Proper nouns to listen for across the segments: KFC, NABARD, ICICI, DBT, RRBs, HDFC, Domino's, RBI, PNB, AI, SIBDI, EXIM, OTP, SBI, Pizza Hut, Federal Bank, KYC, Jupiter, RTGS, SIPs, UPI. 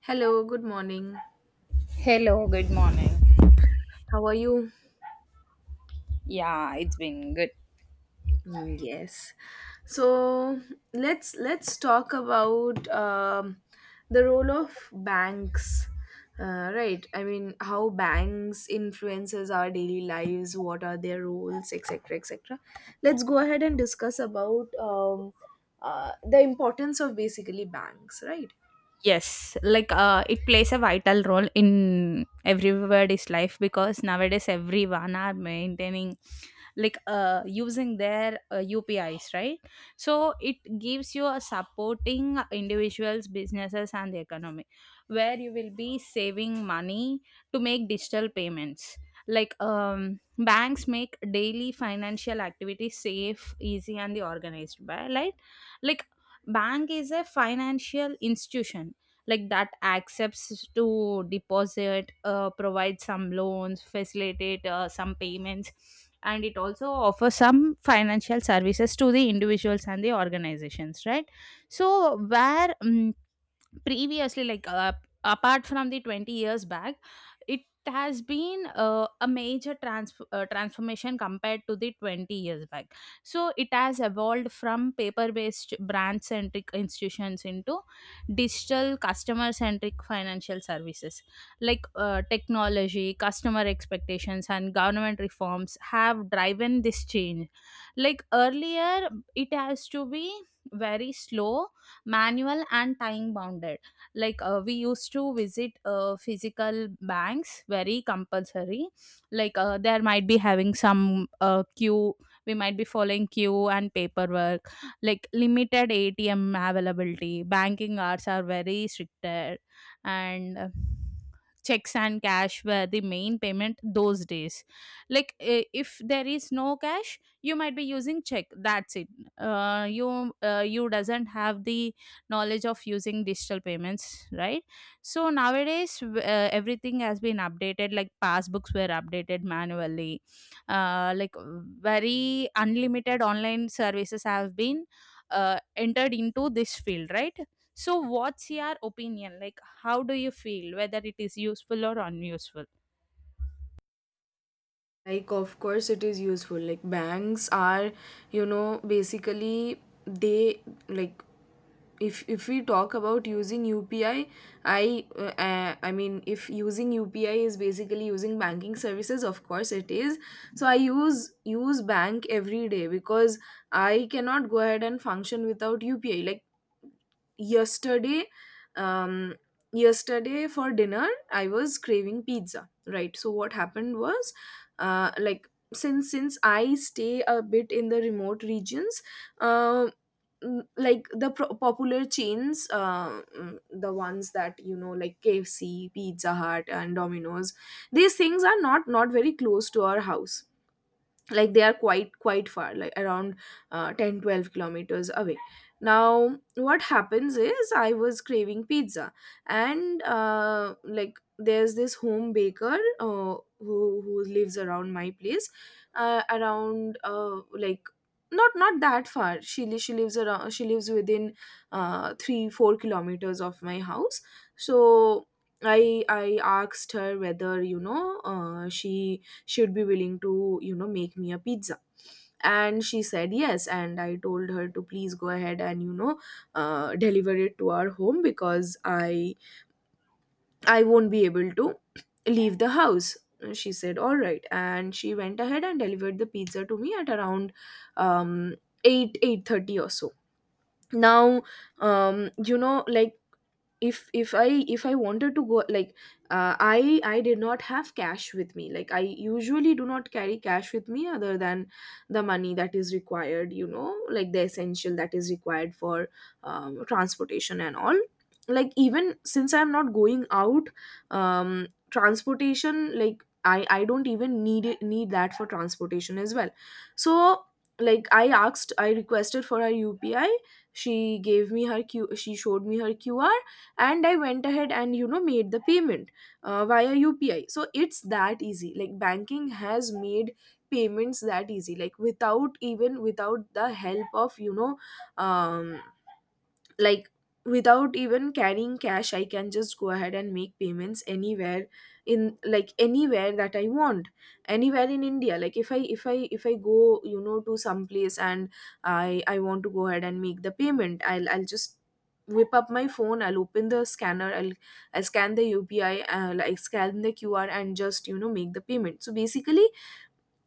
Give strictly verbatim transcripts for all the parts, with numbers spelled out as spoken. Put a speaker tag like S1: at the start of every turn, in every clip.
S1: Hello, good morning.
S2: Hello, good morning.
S1: How are you?
S2: Yeah, it's been good.
S1: Mm, yes. So let's let's talk about um, the role of banks. Uh, right. I mean, how banks influences our daily lives. What are their roles, et cetera, et cetera. Let's go ahead and discuss about um, uh, the importance of basically banks. Right.
S2: Yes, like uh, it plays a vital role in everybody's life because nowadays everyone are maintaining like uh, using their uh, U P Is, right? So it gives you a supporting individuals, businesses, and the economy, where you will be saving money to make digital payments. Like um, banks make daily financial activity safe, easy, and the organized by, right? Like bank is a financial institution like that accepts to deposit, uh, provide some loans, facilitate uh, some payments, and it also offers some financial services to the individuals and the organizations, right? So where um, previously, like uh, apart from the twenty years back, it has been uh, a major trans- uh, transformation compared to the twenty years back. So it has evolved from paper based brand centric institutions into digital customer centric financial services, like uh, technology, customer expectations, and government reforms have driven this change. Like earlier it has to be very slow, manual, and time bounded. Like uh, we used to visit uh, physical banks very compulsory. Like uh, there might be having some uh, queue, we might be following queue and paperwork, like limited A T M availability, banking hours are very stricted, and uh, checks and cash were the main payment those days. Like eh, if there is no cash you might be using check, that's it. Uh, you uh, you doesn't have the knowledge of using digital payments, right? So nowadays w- uh, everything has been updated, like passbooks were updated manually. Uh, like uh, very unlimited online services have been uh, entered into this field, right? So what's your opinion, like how do you feel, whether it is useful or unuseful?
S1: Like, of course it is useful. Like, banks are, you know, basically they, like, if if we talk about using UPI, i uh, uh, i mean, if using U P I is basically using banking services, of course it is. So I use use bank every day because I cannot go ahead and function without U P I, like yesterday. um Yesterday for dinner I was craving pizza, right? So what happened was, uh like, since since I stay a bit in the remote regions, uh, mm, like, the pro- popular chains, uh, mm, the ones that, you know, like K F C, Pizza Hut, and Domino's, these things are not not very close to our house. Like, they are quite quite far, like around uh, ten twelve kilometers away. Now what happens is, I was craving pizza, and uh, like, there's this home baker, uh, who who lives around my place, uh, around uh, like, not not that far. She li- she lives around she lives within uh, three four kilometers of my house. So i i asked her whether, you know, uh, she she would be willing to, you know, make me a pizza. And she said yes, and I told her to please go ahead and, you know, uh, deliver it to our home because i i won't be able to leave the house. She said all right, and she went ahead and delivered the pizza to me at around um eight eight thirty or so. Now, um you know, like, if if i if i wanted to go, like, uh, i i did not have cash with me. Like, I usually do not carry cash with me other than the money that is required, you know, like the essential that is required for um, transportation and all. Like, even since I'm not going out, um transportation, like, i i don't even need it need that for transportation as well. So, like, i asked I requested for her U P I. She gave me her q she showed me her Q R, and I went ahead and, you know, made the payment uh, via U P I. So it's that easy. Like, banking has made payments that easy. Like, without even without the help of, you know, um like, without even carrying cash, I can just go ahead and make payments anywhere, in like anywhere that I want, anywhere in India. Like, if i if i if i go, you know, to some place and i i want to go ahead and make the payment, i'll i'll just whip up my phone, I'll open the scanner, i'll i'll scan the U P I, uh, like, scan the Q R, and just, you know, make the payment. So basically,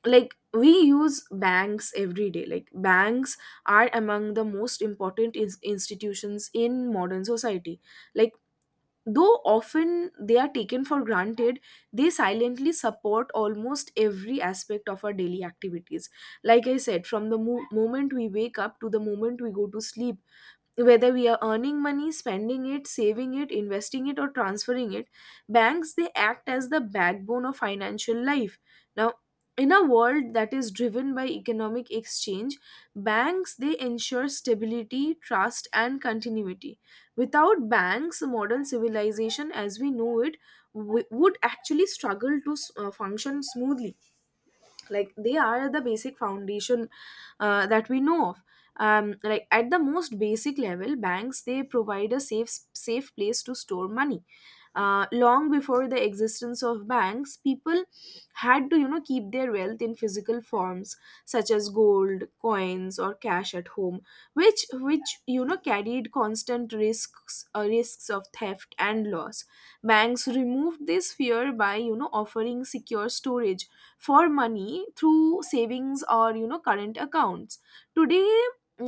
S1: like, we use banks every day. Like, banks are among the most important is- institutions in modern society. Like, though often they are taken for granted, they silently support almost every aspect of our daily activities. Like I said, from the mo- moment we wake up to the moment we go to sleep, whether we are earning money, spending it, saving it, investing it, or transferring it, banks, they act as the backbone of financial life. Now, in a world that is driven by economic exchange, banks, they ensure stability, trust, and continuity. Without banks, modern civilization as we know it w- would actually struggle to s- uh, function smoothly. Like, they are the basic foundation uh, that we know of. Um, like, at the most basic level, banks, they provide a safe safe place to store money. Uh, long before the existence of banks, people had to, you know, keep their wealth in physical forms such as gold coins or cash at home, which which, you know, carried constant risks, uh, risks of theft and loss. Banks removed this fear by, you know, offering secure storage for money through savings or, you know, current accounts. Today,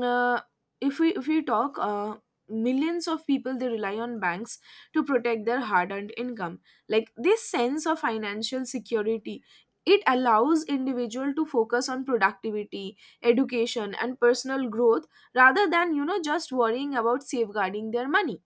S1: uh, if we if we talk, uh, millions of people, they rely on banks to protect their hard earned income. Like, this sense of financial security, it allows individual to focus on productivity, education, and personal growth, rather than, you know, just worrying about safeguarding their money.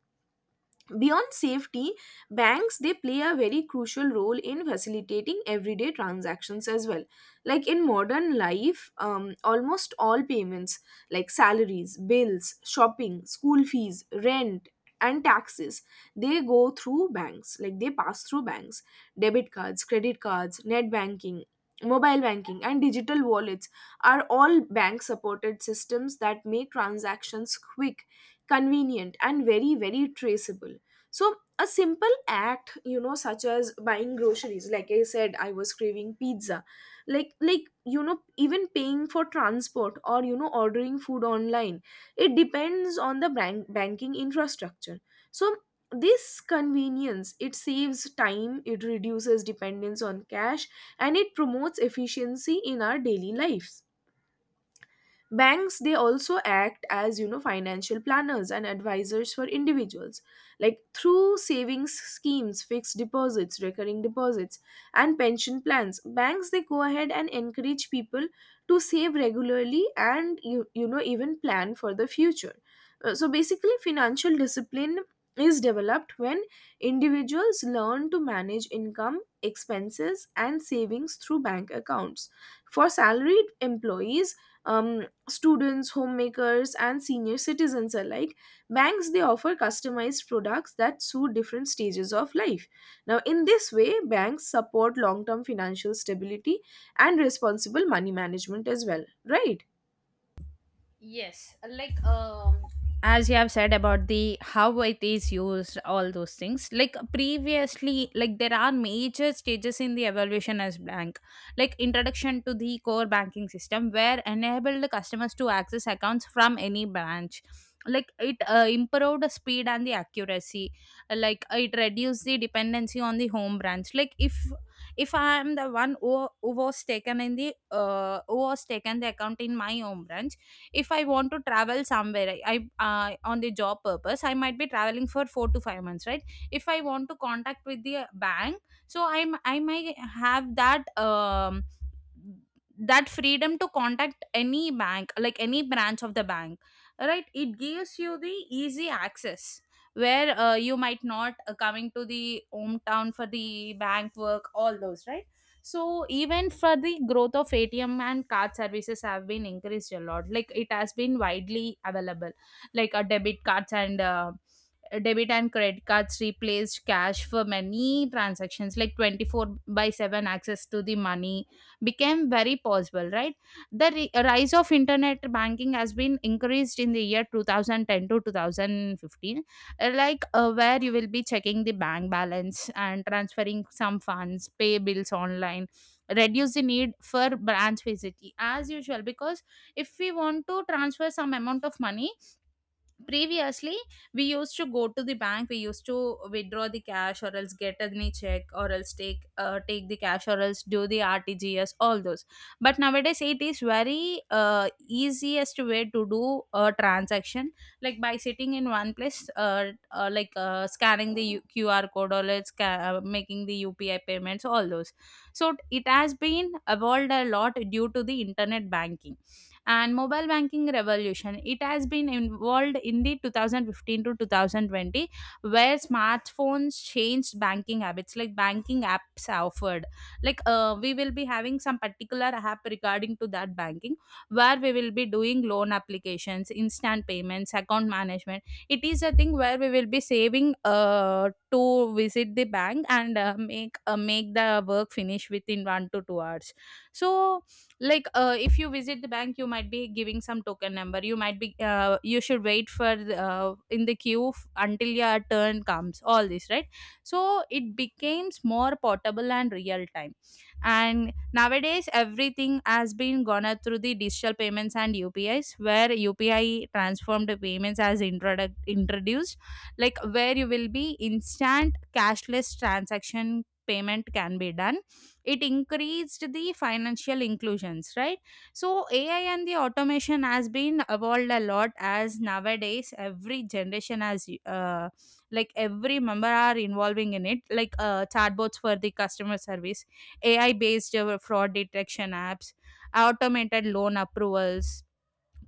S1: Beyond safety, banks, they play a very crucial role in facilitating everyday transactions as well. Like, in modern life, um, almost all payments, like salaries, bills, shopping, school fees, rent, and taxes, they go through banks. Like, they pass through banks. Debit cards, credit cards, net banking, mobile banking, and digital wallets are all bank supported systems that make transactions quick, convenient, and very, very traceable. So, a simple act, you know, such as buying groceries, like I said, I was craving pizza, like like, you know, even paying for transport or, you know, ordering food online, it depends on the bank banking infrastructure. So, this convenience, it saves time, it reduces dependence on cash, and it promotes efficiency in our daily lives. Banks, they also act as, you know, financial planners and advisors for individuals. Like, through savings schemes, fixed deposits, recurring deposits, and pension plans, banks, they go ahead and encourage people to save regularly and, you, you know, even plan for the future. Uh, so basically, financial discipline is developed when individuals learn to manage income, expenses, and savings through bank accounts. For salaried employees, um, students, homemakers, and senior citizens alike, banks, they offer customized products that suit different stages of life. Now, in this way, banks support long term financial stability and responsible money management as well, right?
S2: Yes, like um, as you have said about the how it is used, all those things. Like previously, like there are major stages in the evaluation as bank. Like introduction to the core banking system where enabled the customers to access accounts from any branch. Like it uh, improved the speed and the accuracy. Like it reduced the dependency on the home branch. Like if if i am the one who, who was taken in the uh, who was taken the account in my home branch. If I want to travel somewhere, I, I uh, on the job purpose I might be traveling for four to five months, right? If I want to contact with the bank, so i'm i might have that um, that freedom to contact any bank, like any branch of the bank, right. It gives you the easy access, where uh, you might not uh, coming to the hometown for the bank work, all those, right? So even for the growth of A T M and card services have been increased a lot, like it has been widely available. Like a debit cards and uh, debit and credit cards replaced cash for many transactions, like twenty four seven access to the money became very possible, right? The ri- rise of internet banking has been increased in the year twenty ten to two thousand fifteen, uh, like uh, where you will be checking the bank balance and transferring some funds, pay bills online, reduce the need for branch visit as usual, because if we want to transfer some amount of money, previously we used to go to the bank, we used to withdraw the cash or else get any check or else take uh, take the cash or else do the R T G S, all those. But nowadays it is very uh, easiest way to do a transaction, like by sitting in one place, uh, uh, like uh, scanning the U- Q R code, or let's ca- uh, making the U P I payments, all those. So it has been evolved a lot due to the internet banking. And mobile banking revolution, it has been involved in the two thousand fifteen to two thousand twenty, where smartphones changed banking habits, like banking apps offered. Like uh, we will be having some particular app regarding to that banking, where we will be doing loan applications, instant payments, account management. It is a thing where we will be saving uh, to visit the bank and uh, make uh, make the work finish within one to two hours. So like uh, if you visit the bank you might be giving some token number, you might be uh, you should wait for the, uh, in the queue f- until your turn comes, all this, right? So it becomes more portable and real time. And nowadays everything has been gone out through the digital payments and U P Is, where U P I transformed payments as introduct introduced, like where you will be instant cashless transaction payment can be done, it increased the financial inclusions, right? So A I and the automation has been evolved a lot as nowadays every generation has, uh, like every member are involving in it, like uh, chatbots for the customer service, A I based fraud detection apps, automated loan approvals,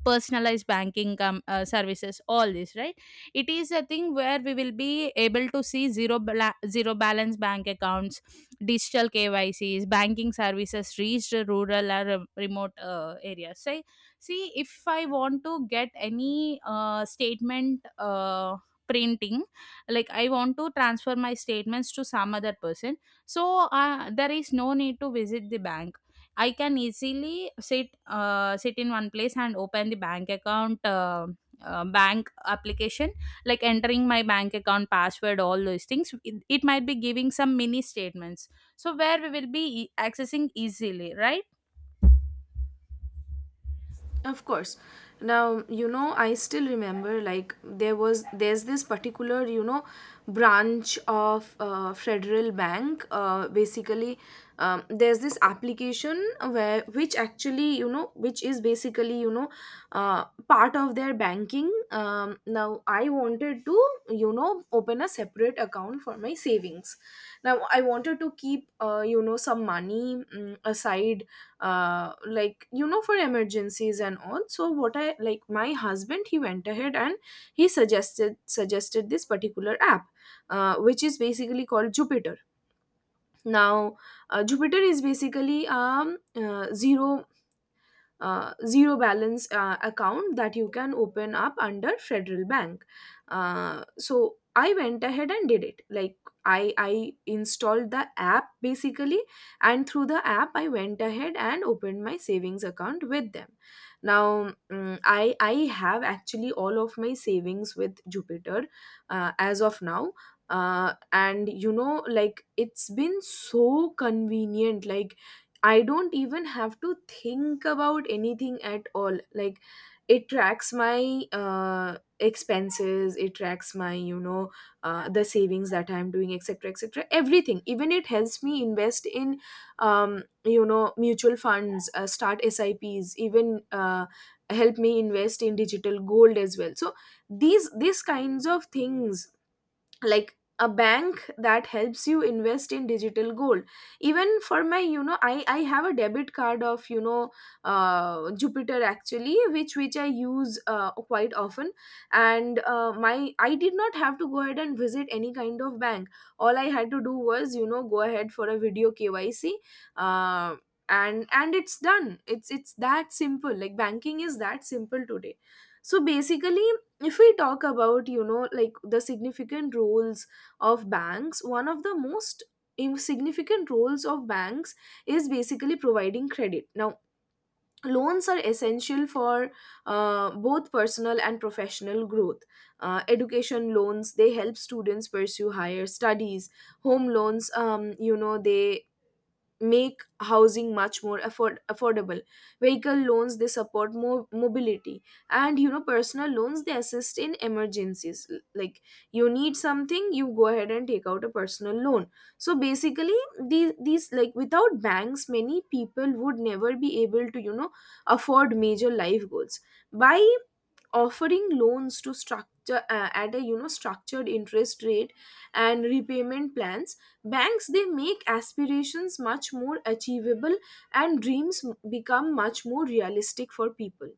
S2: personalized banking com- uh, services, all this, right? It is a thing where we will be able to see zero bala- zero balance bank accounts, digital K Y Cs, banking services reached rural or uh, remote uh, areas, say, see if I want to get any uh, statement uh, printing, like I want to transfer my statements to some other person, so uh, there is no need to visit the bank. I can easily sit uh, sit in one place and open the bank account, uh, uh, bank application, like entering my bank account password, all those things. It, it might be giving some mini statements, so where we will be e- accessing easily, right?
S1: Of course. Now, you know, I still remember, like, there was there's this particular, you know, branch of uh, Federal Bank. Uh, basically, um, there's this application where which actually, you know, which is basically, you know, uh, part of their banking. Um, now, I wanted to, you know, open a separate account for my savings. Now, I wanted to keep, uh, you know, some money, mm, aside, uh like, you know, for emergencies and all. So what I like, my husband, he went ahead and he suggested suggested this particular app, uh, which is basically called Jupiter. Now, uh, Jupiter is basically um uh, zero uh, zero balance uh, account that you can open up under Federal Bank. Uh, so I went ahead and did it. Like, i i installed the app basically, and through the app I went ahead and opened my savings account with them. Now, mm, i i have actually all of my savings with Jupiter uh, as of now. Uh, and, you know, like, it's been so convenient. Like, I don't even have to think about anything at all. Like, it tracks my uh, expenses, it tracks my, you know, uh, the savings that I'm doing, et cetera, et cetera. Everything. Even it helps me invest in, um, you know, mutual funds, uh, start S I Ps, even uh, help me invest in digital gold as well. So these these kinds of things, like, a bank that helps you invest in digital gold. Even for my you know, i i have a debit card of, you know, uh, Jupiter, actually, which which I use uh, quite often. And uh, my I did not have to go ahead and visit any kind of bank. All I had to do was, you know, go ahead for a video K Y C, uh, and and it's done. It's it's that simple. Like, banking is that simple today. So basically, if we talk about, you know, like, the significant roles of banks, one of the most im- significant roles of banks is basically providing credit. Now, loans are essential for uh, both personal and professional growth. Uh, education loans, they help students pursue higher studies. Home loans, um, you know, they make housing much more afford- affordable. Vehicle loans, they support mo- mobility. And, you know, personal loans, they assist in emergencies. L- like, you need something, you go ahead and take out a personal loan. So basically, these these like, without banks, many people would never be able to, you know, afford major life goals. By offering loans to structure uh, at a, you know, structured interest rate and repayment plans, banks, they make aspirations much more achievable, and dreams become much more realistic for people.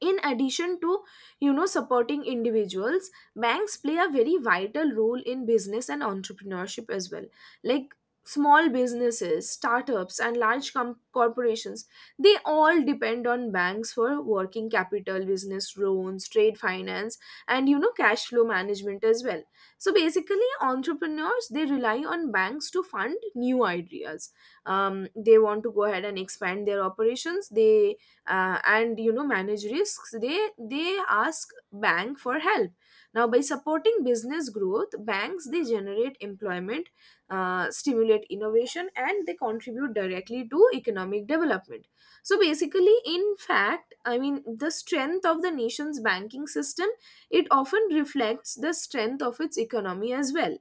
S1: In addition to, you know, supporting individuals, banks play a very vital role in business and entrepreneurship as well. Like, small businesses, startups, and large com- corporations, they all depend on banks for working capital, business loans, trade finance, and, you know, cash flow management as well. So basically, entrepreneurs, they rely on banks to fund new ideas. Um, they want to go ahead and expand their operations, they uh, and, you know, manage risks. They they ask bank for help. Now, by supporting business growth, banks They generate employment, uh, stimulate innovation, and they contribute directly to economic development. So basically, in fact, I mean the strength of the nation's banking system, it often reflects the strength of its economy as well.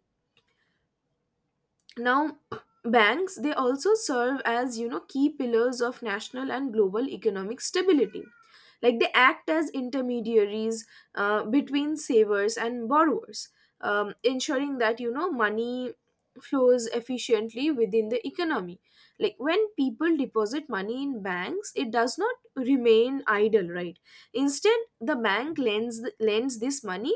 S1: Now, banks they also serve as you know key pillars of national and global economic stability. Like, they act as intermediaries uh, between savers and borrowers, um, ensuring that you know money flows efficiently within the economy. Like, when people deposit money in banks, it does not remain idle, right? Instead, the bank lends lends this money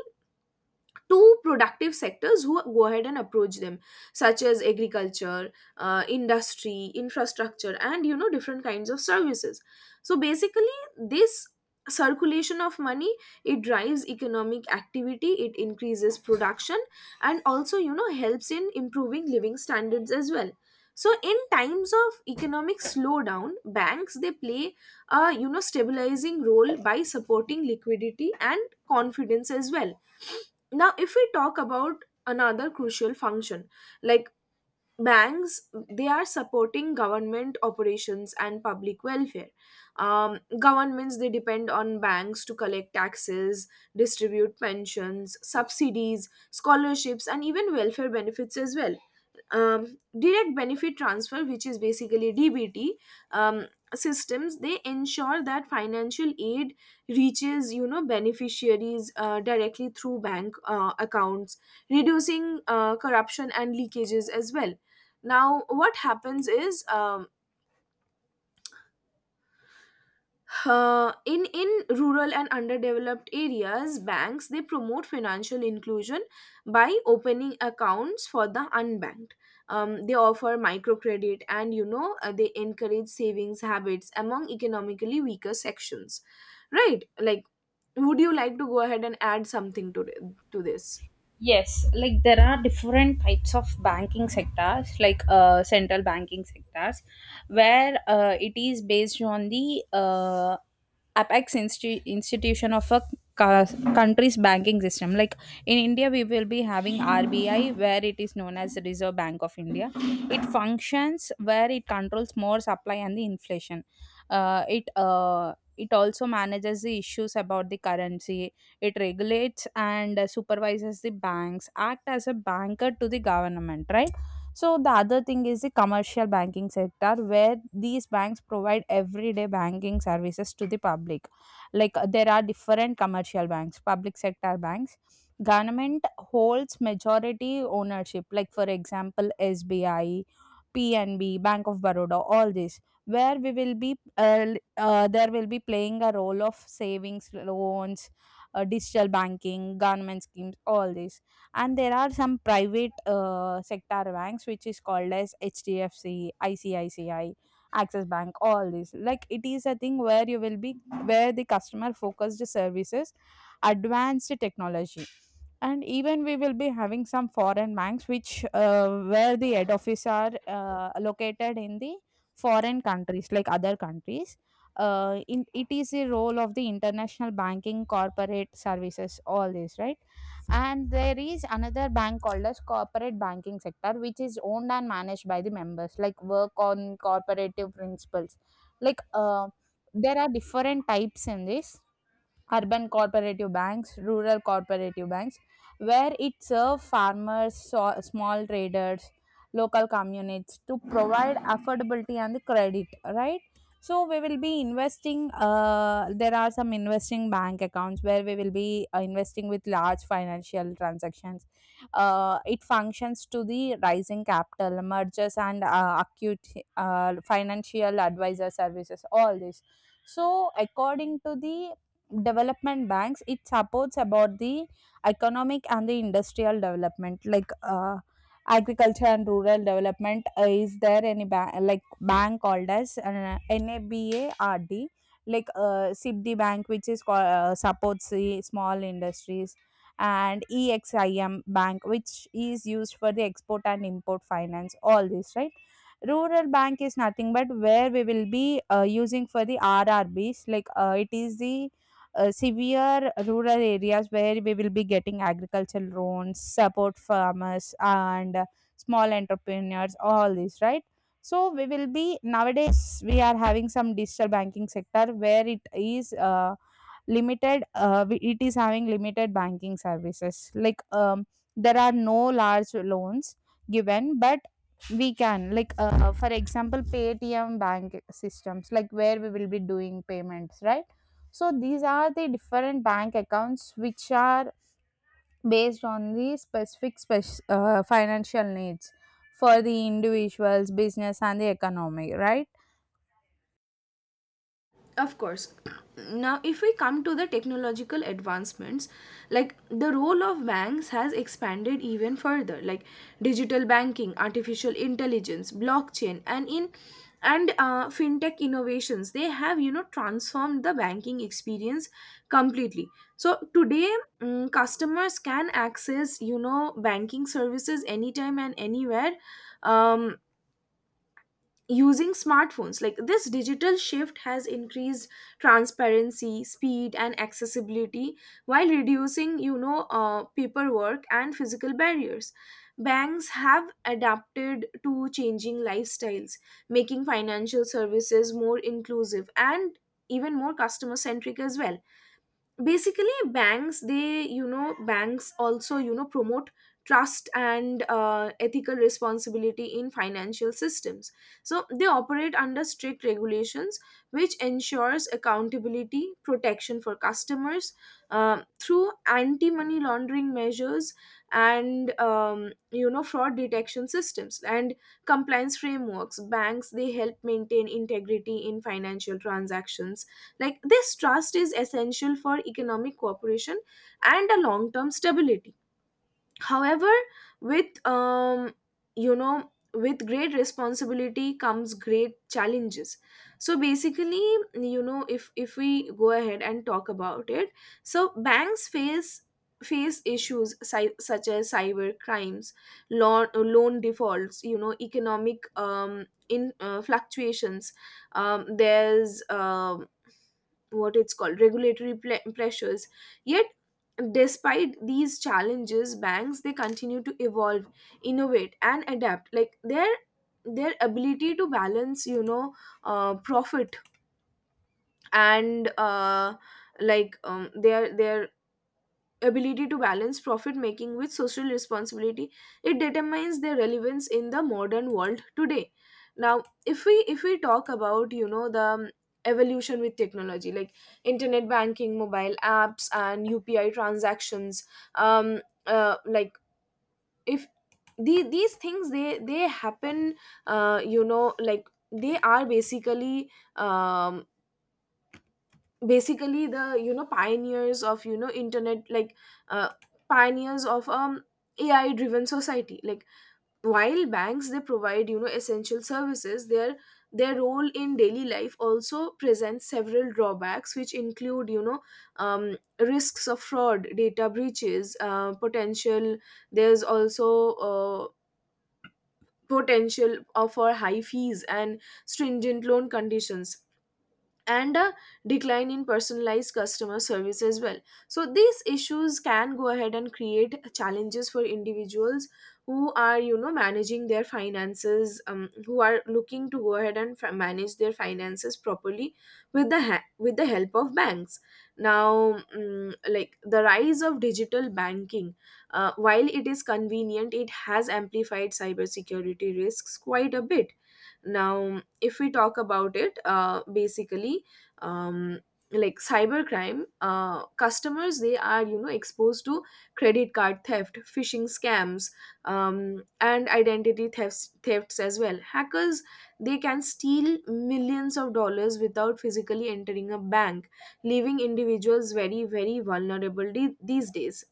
S1: to productive sectors who go ahead and approach them, such as agriculture, uh, industry, infrastructure, and you know different kinds of services. So basically, this circulation of money, it drives economic activity, it increases production, and also you know helps in improving living standards as well. So in times of economic slowdown, banks they play a you know stabilizing role by supporting liquidity and confidence as well. Now, if we talk about another crucial function, like, banks they are supporting government operations and public welfare. Um, governments they depend on banks to collect taxes, distribute pensions, subsidies, scholarships, and even welfare benefits as well. Um, direct benefit transfer, which is basically D B T um, systems, they ensure that financial aid reaches you know beneficiaries uh, directly through bank uh, accounts, reducing uh, corruption and leakages as well. Now, what happens is um, uh, in in rural and underdeveloped areas, banks they promote financial inclusion by opening accounts for the unbanked. Um, they offer microcredit, and you know uh, they encourage savings habits among economically weaker sections, right? Like, would you like to go ahead and add something to th- to this?
S2: Yes, like there are different types of banking sectors, like uh, central banking sectors, where uh, it is based on the uh, apex insti- institution of a ca- country's banking system. Like in India, we will be having R B I, where it is known as the Reserve Bank of India. It functions where it controls more supply and the inflation. Uh, it uh, it also manages the issues about the currency, it regulates and uh, supervises the banks, act as a banker to the government, right? So the other thing is the commercial banking sector where these banks provide everyday banking services to the public. Like uh, there are different commercial banks, public sector banks. Government holds majority ownership, like for example, S B I, P N B, Bank of Baroda, all these, where we will be, uh, l- uh, there will be playing a role of savings, loans, uh, digital banking, government schemes, all this. And there are some private uh, sector banks which is called as H D F C, I C I C I, Access Bank, all this. Like it is a thing where you will be where the customer focused services, advanced technology. And even we will be having some foreign banks which uh, where the head office are uh, located in the foreign countries like other countries, uh, in, it is a role of the international banking corporate services, all this, right. And there is another bank called as corporate banking sector which is owned and managed by the members, like work on corporative principles. Like uh, there are different types in this, urban cooperative banks, rural cooperative banks, where it serves farmers, so- small traders, local communities to provide affordability and the credit, right? So we will be investing. Uh, there are some investing bank accounts where we will be uh, investing with large financial transactions. Uh, it functions to the rising capital, mergers and uh, acute uh, financial advisor services. All this. So according to the development banks it supports about the economic and the industrial development, like uh, agriculture and rural development, uh, is there any ba- like bank called as uh, NABARD, like uh, S I B D I bank which is called, uh, supports the small industries, and EXIM bank which is used for the export and import finance, all this, right. Rural bank is nothing but where we will be uh, using for the R R Bs, like uh, it is the uh, severe rural areas where we will be getting agricultural loans, support farmers and uh, small entrepreneurs, all this, right? So we will be, nowadays we are having some digital banking sector where it is uh, limited, uh, we- it is having limited banking services, like um, there are no large loans given, but we can, like uh, uh, for example paytm bank systems, like where we will be doing payments, right? So these are the different bank accounts which are based on the specific spec- uh, financial needs for the individuals, business, and the economy, right?
S1: Of course. Now, if we come to the technological advancements, like the role of banks has expanded even further, like digital banking, artificial intelligence, blockchain, and in and uh, fintech innovations, they have you know transformed the banking experience completely. So today, mm, customers can access you know banking services anytime and anywhere. Um, Using smartphones, like, this digital shift has increased transparency, speed, and accessibility while reducing you know uh, paperwork and physical barriers. Banks have adapted to changing lifestyles, making financial services more inclusive and even more customer centric as well. Basically, banks they you know, banks also you know promote trust and uh, ethical responsibility in financial systems. So they operate under strict regulations, which ensures accountability, protection for customers. Uh, through anti money laundering measures and um, you know fraud detection systems and compliance frameworks, banks they help maintain integrity in financial transactions. Like, this trust is essential for economic cooperation and a long-term stability. However, with um, you know, with great responsibility comes great challenges. So basically, you know, if if we go ahead and talk about it, so banks face face issues si- such as cyber crimes, loan loan defaults, you know, economic um, in uh, fluctuations. Um, there's um what it's called regulatory ple- pressures. Yet despite these challenges, banks they continue to evolve, innovate, and adapt. Like, their their ability to balance you know uh, profit and uh, like um, their their ability to balance profit making with social responsibility, it determines their relevance in the modern world today. Now, if we if we talk about you know the um, evolution with technology, like internet banking, mobile apps, and U P I transactions, um uh, like, if the, these things they they happen uh, you know, like they are basically, um, basically the you know pioneers of you know internet, like, uh, pioneers of um A I driven society. Like, while banks they provide you know essential services, their their role in daily life also presents several drawbacks, which include you know um, risks of fraud, data breaches, uh, potential, there's also uh, potential of for high fees and stringent loan conditions and a decline in personalized customer service as well. So, these issues can go ahead and create challenges for individuals who are, you know, managing their finances, um, who are looking to go ahead and fi- manage their finances properly with the ha- with the help of banks. Now, mm, like the rise of digital banking, uh, while it is convenient, it has amplified cybersecurity risks quite a bit. Now, if we talk about it, uh, basically, um, like cybercrime, uh, customers, they are you know exposed to credit card theft, phishing scams, um, and identity thefts thefts as well. Hackers, they can steal millions of dollars without physically entering a bank, leaving individuals very very vulnerable de- these days.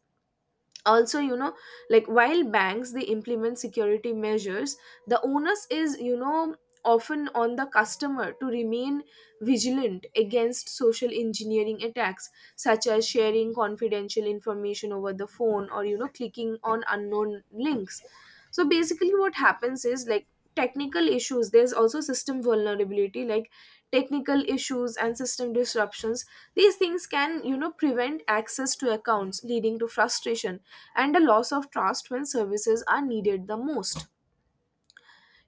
S1: Also, you know, like, while banks they implement security measures, the onus is you know often on the customer to remain vigilant against social engineering attacks, such as sharing confidential information over the phone or you know clicking on unknown links. So basically, what happens is, like, technical issues, there's also system vulnerability, like technical issues and system disruptions, these things can you know prevent access to accounts, leading to frustration and a loss of trust when services are needed the most.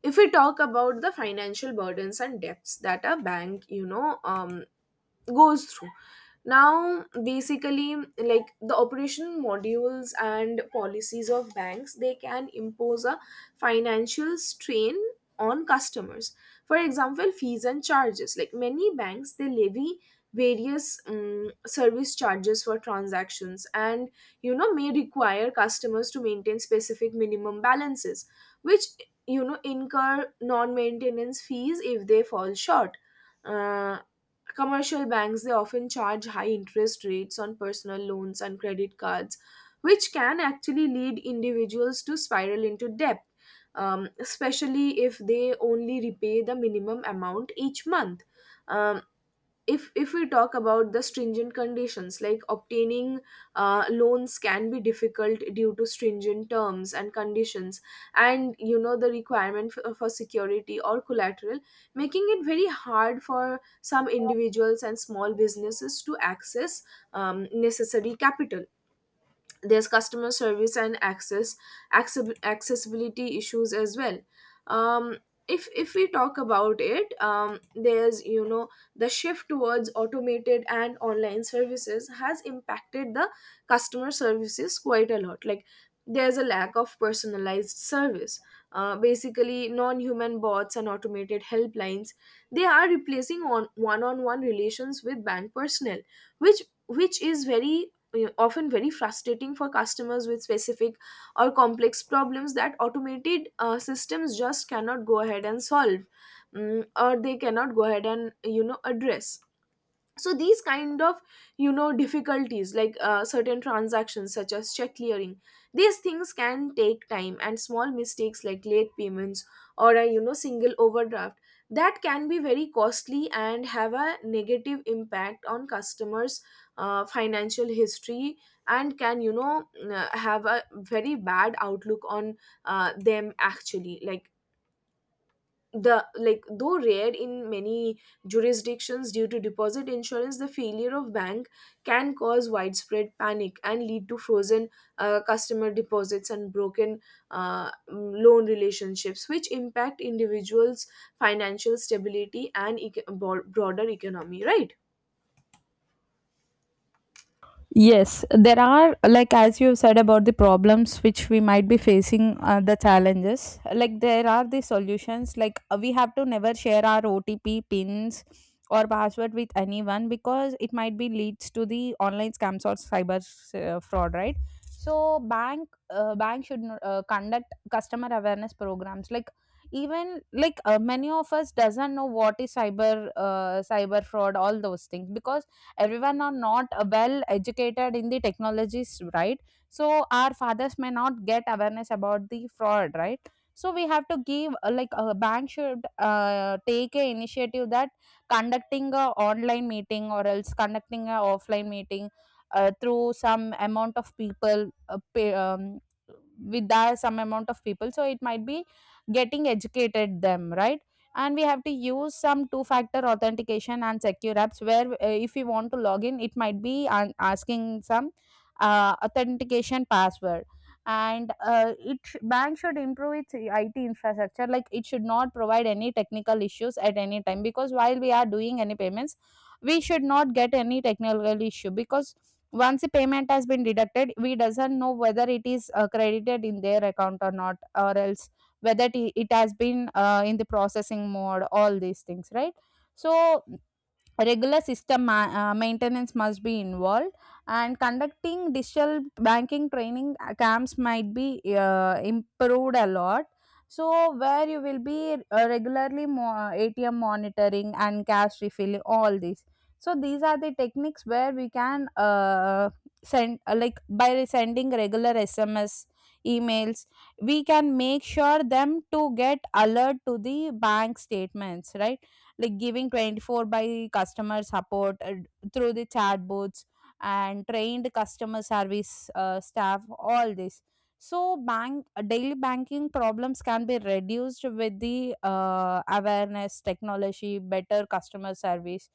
S1: If we talk about the financial burdens and debts that a bank you know um, goes through, now basically, like the operational modules and policies of banks, they can impose a financial strain on customers. For example, fees and charges. Like many banks, they levy various um, service charges for transactions and you know may require customers to maintain specific minimum balances, which you know incur non-maintenance fees if they fall short. Uh, Commercial banks they often charge high interest rates on personal loans and credit cards, which can actually lead individuals to spiral into debt, um, especially if they only repay the minimum amount each month. Um, if if we talk about the stringent conditions, like obtaining uh, loans can be difficult due to stringent terms and conditions and you know the requirement for, for security or collateral, making it very hard for some individuals and small businesses to access um, necessary capital. There's customer service and access access- accessibility issues as well. Um, if if we talk about it, um, there's you know the shift towards automated and online services has impacted the customer services quite a lot. Like, there's a lack of personalized service. Uh, basically, non-human bots and automated helplines, they are replacing on one-on-one relations with bank personnel, which which is very uh, often very frustrating for customers with specific or complex problems that automated uh, systems just cannot go ahead and solve, mm, or they cannot go ahead and you know address. So these kind of you know difficulties, like uh, certain transactions such as check clearing, these things can take time, and small mistakes like late payments or a you know single overdraft, that can be very costly and have a negative impact on customers uh, financial history and can you know uh, have a very bad outlook on uh, them actually. Like, the like, though rare in many jurisdictions due to deposit insurance, the failure of bank can cause widespread panic and lead to frozen uh, customer deposits and broken uh, mm, loan relationships, which impact individuals financial stability and eco- bo- broader economy, right?
S2: Yes, there are, like, as you have said about the problems which we might be facing, uh, the challenges, like, there are the solutions. Like, uh, we have to never share our O T P pins or password with anyone because it might be leads to the online scams or cyber uh, fraud, right? So, bank uh, bank should uh, conduct customer awareness programs. Like, even like uh, many of us doesn't know what is cyber uh, cyber fraud, all those things because everyone are not uh, well educated in the technologies, right? So our fathers may not get awareness about the fraud, right? So we have to give, uh, like a bank should uh, take a initiative that conducting a online meeting or else conducting a offline meeting, uh, through some amount of people, uh, pay, um, with that some amount of people, so it might be getting educated them, right. And we have to use some two factor authentication and secure apps, where uh, if we want to log in it might be an- asking some uh, authentication password. And uh, it sh- bank should improve its I T infrastructure, like it should not provide any technical issues at any time because while we are doing any payments we should not get any technical issue, because once the payment has been deducted we doesn't know whether it is uh, credited in their account or not, or else whether it it has been uh, in the processing mode, all these things, right. So regular system ma- uh, maintenance must be involved, and conducting digital banking training uh, camps might be uh, improved a lot, so where you will be uh, regularly mo- A T M monitoring and cash refill, all these. So these are the techniques where we can, uh, send uh, like by sending regular S M S, emails, we can make sure them to get alert to the bank statements, right. Like giving twenty four by customer support, uh, through the chatbots and trained customer service uh, staff, all this. So bank daily banking problems can be reduced with the uh, awareness, technology, better customer service.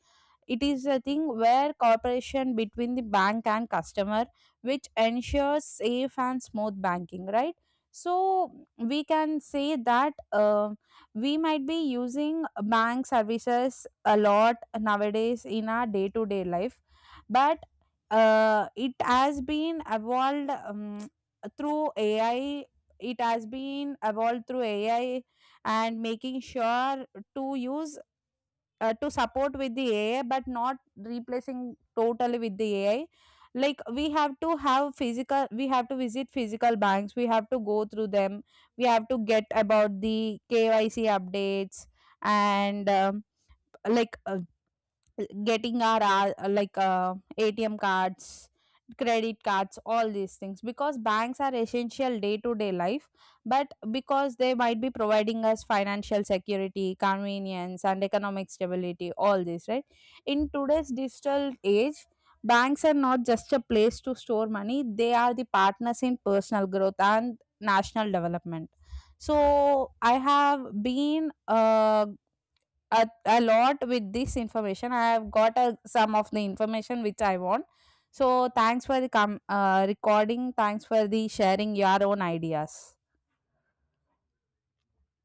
S2: It is a thing where cooperation between the bank and customer, which ensures safe and smooth banking, right? So we can say that uh, we might be using bank services a lot nowadays in our day-to-day life, but uh, it has been evolved um, through A I. It has been evolved through A I and making sure to use, uh, to support with the A I, but not replacing totally with the A I. Like we have to have physical, we have to visit physical banks, we have to go through them, we have to get about the K Y C updates and um, like uh, getting our, uh, like uh, A T M cards, credit cards, all these things because banks are essential day to day life, but because they might be providing us financial security, convenience, and economic stability, all this, right. In today's digital age, banks are not just a place to store money, they are the partners in personal growth and national development. So I have been, uh, a, a lot with this information. I have got a, some of the information which I want. So thanks for the com- uh, recording. Thanks for the sharing your own ideas.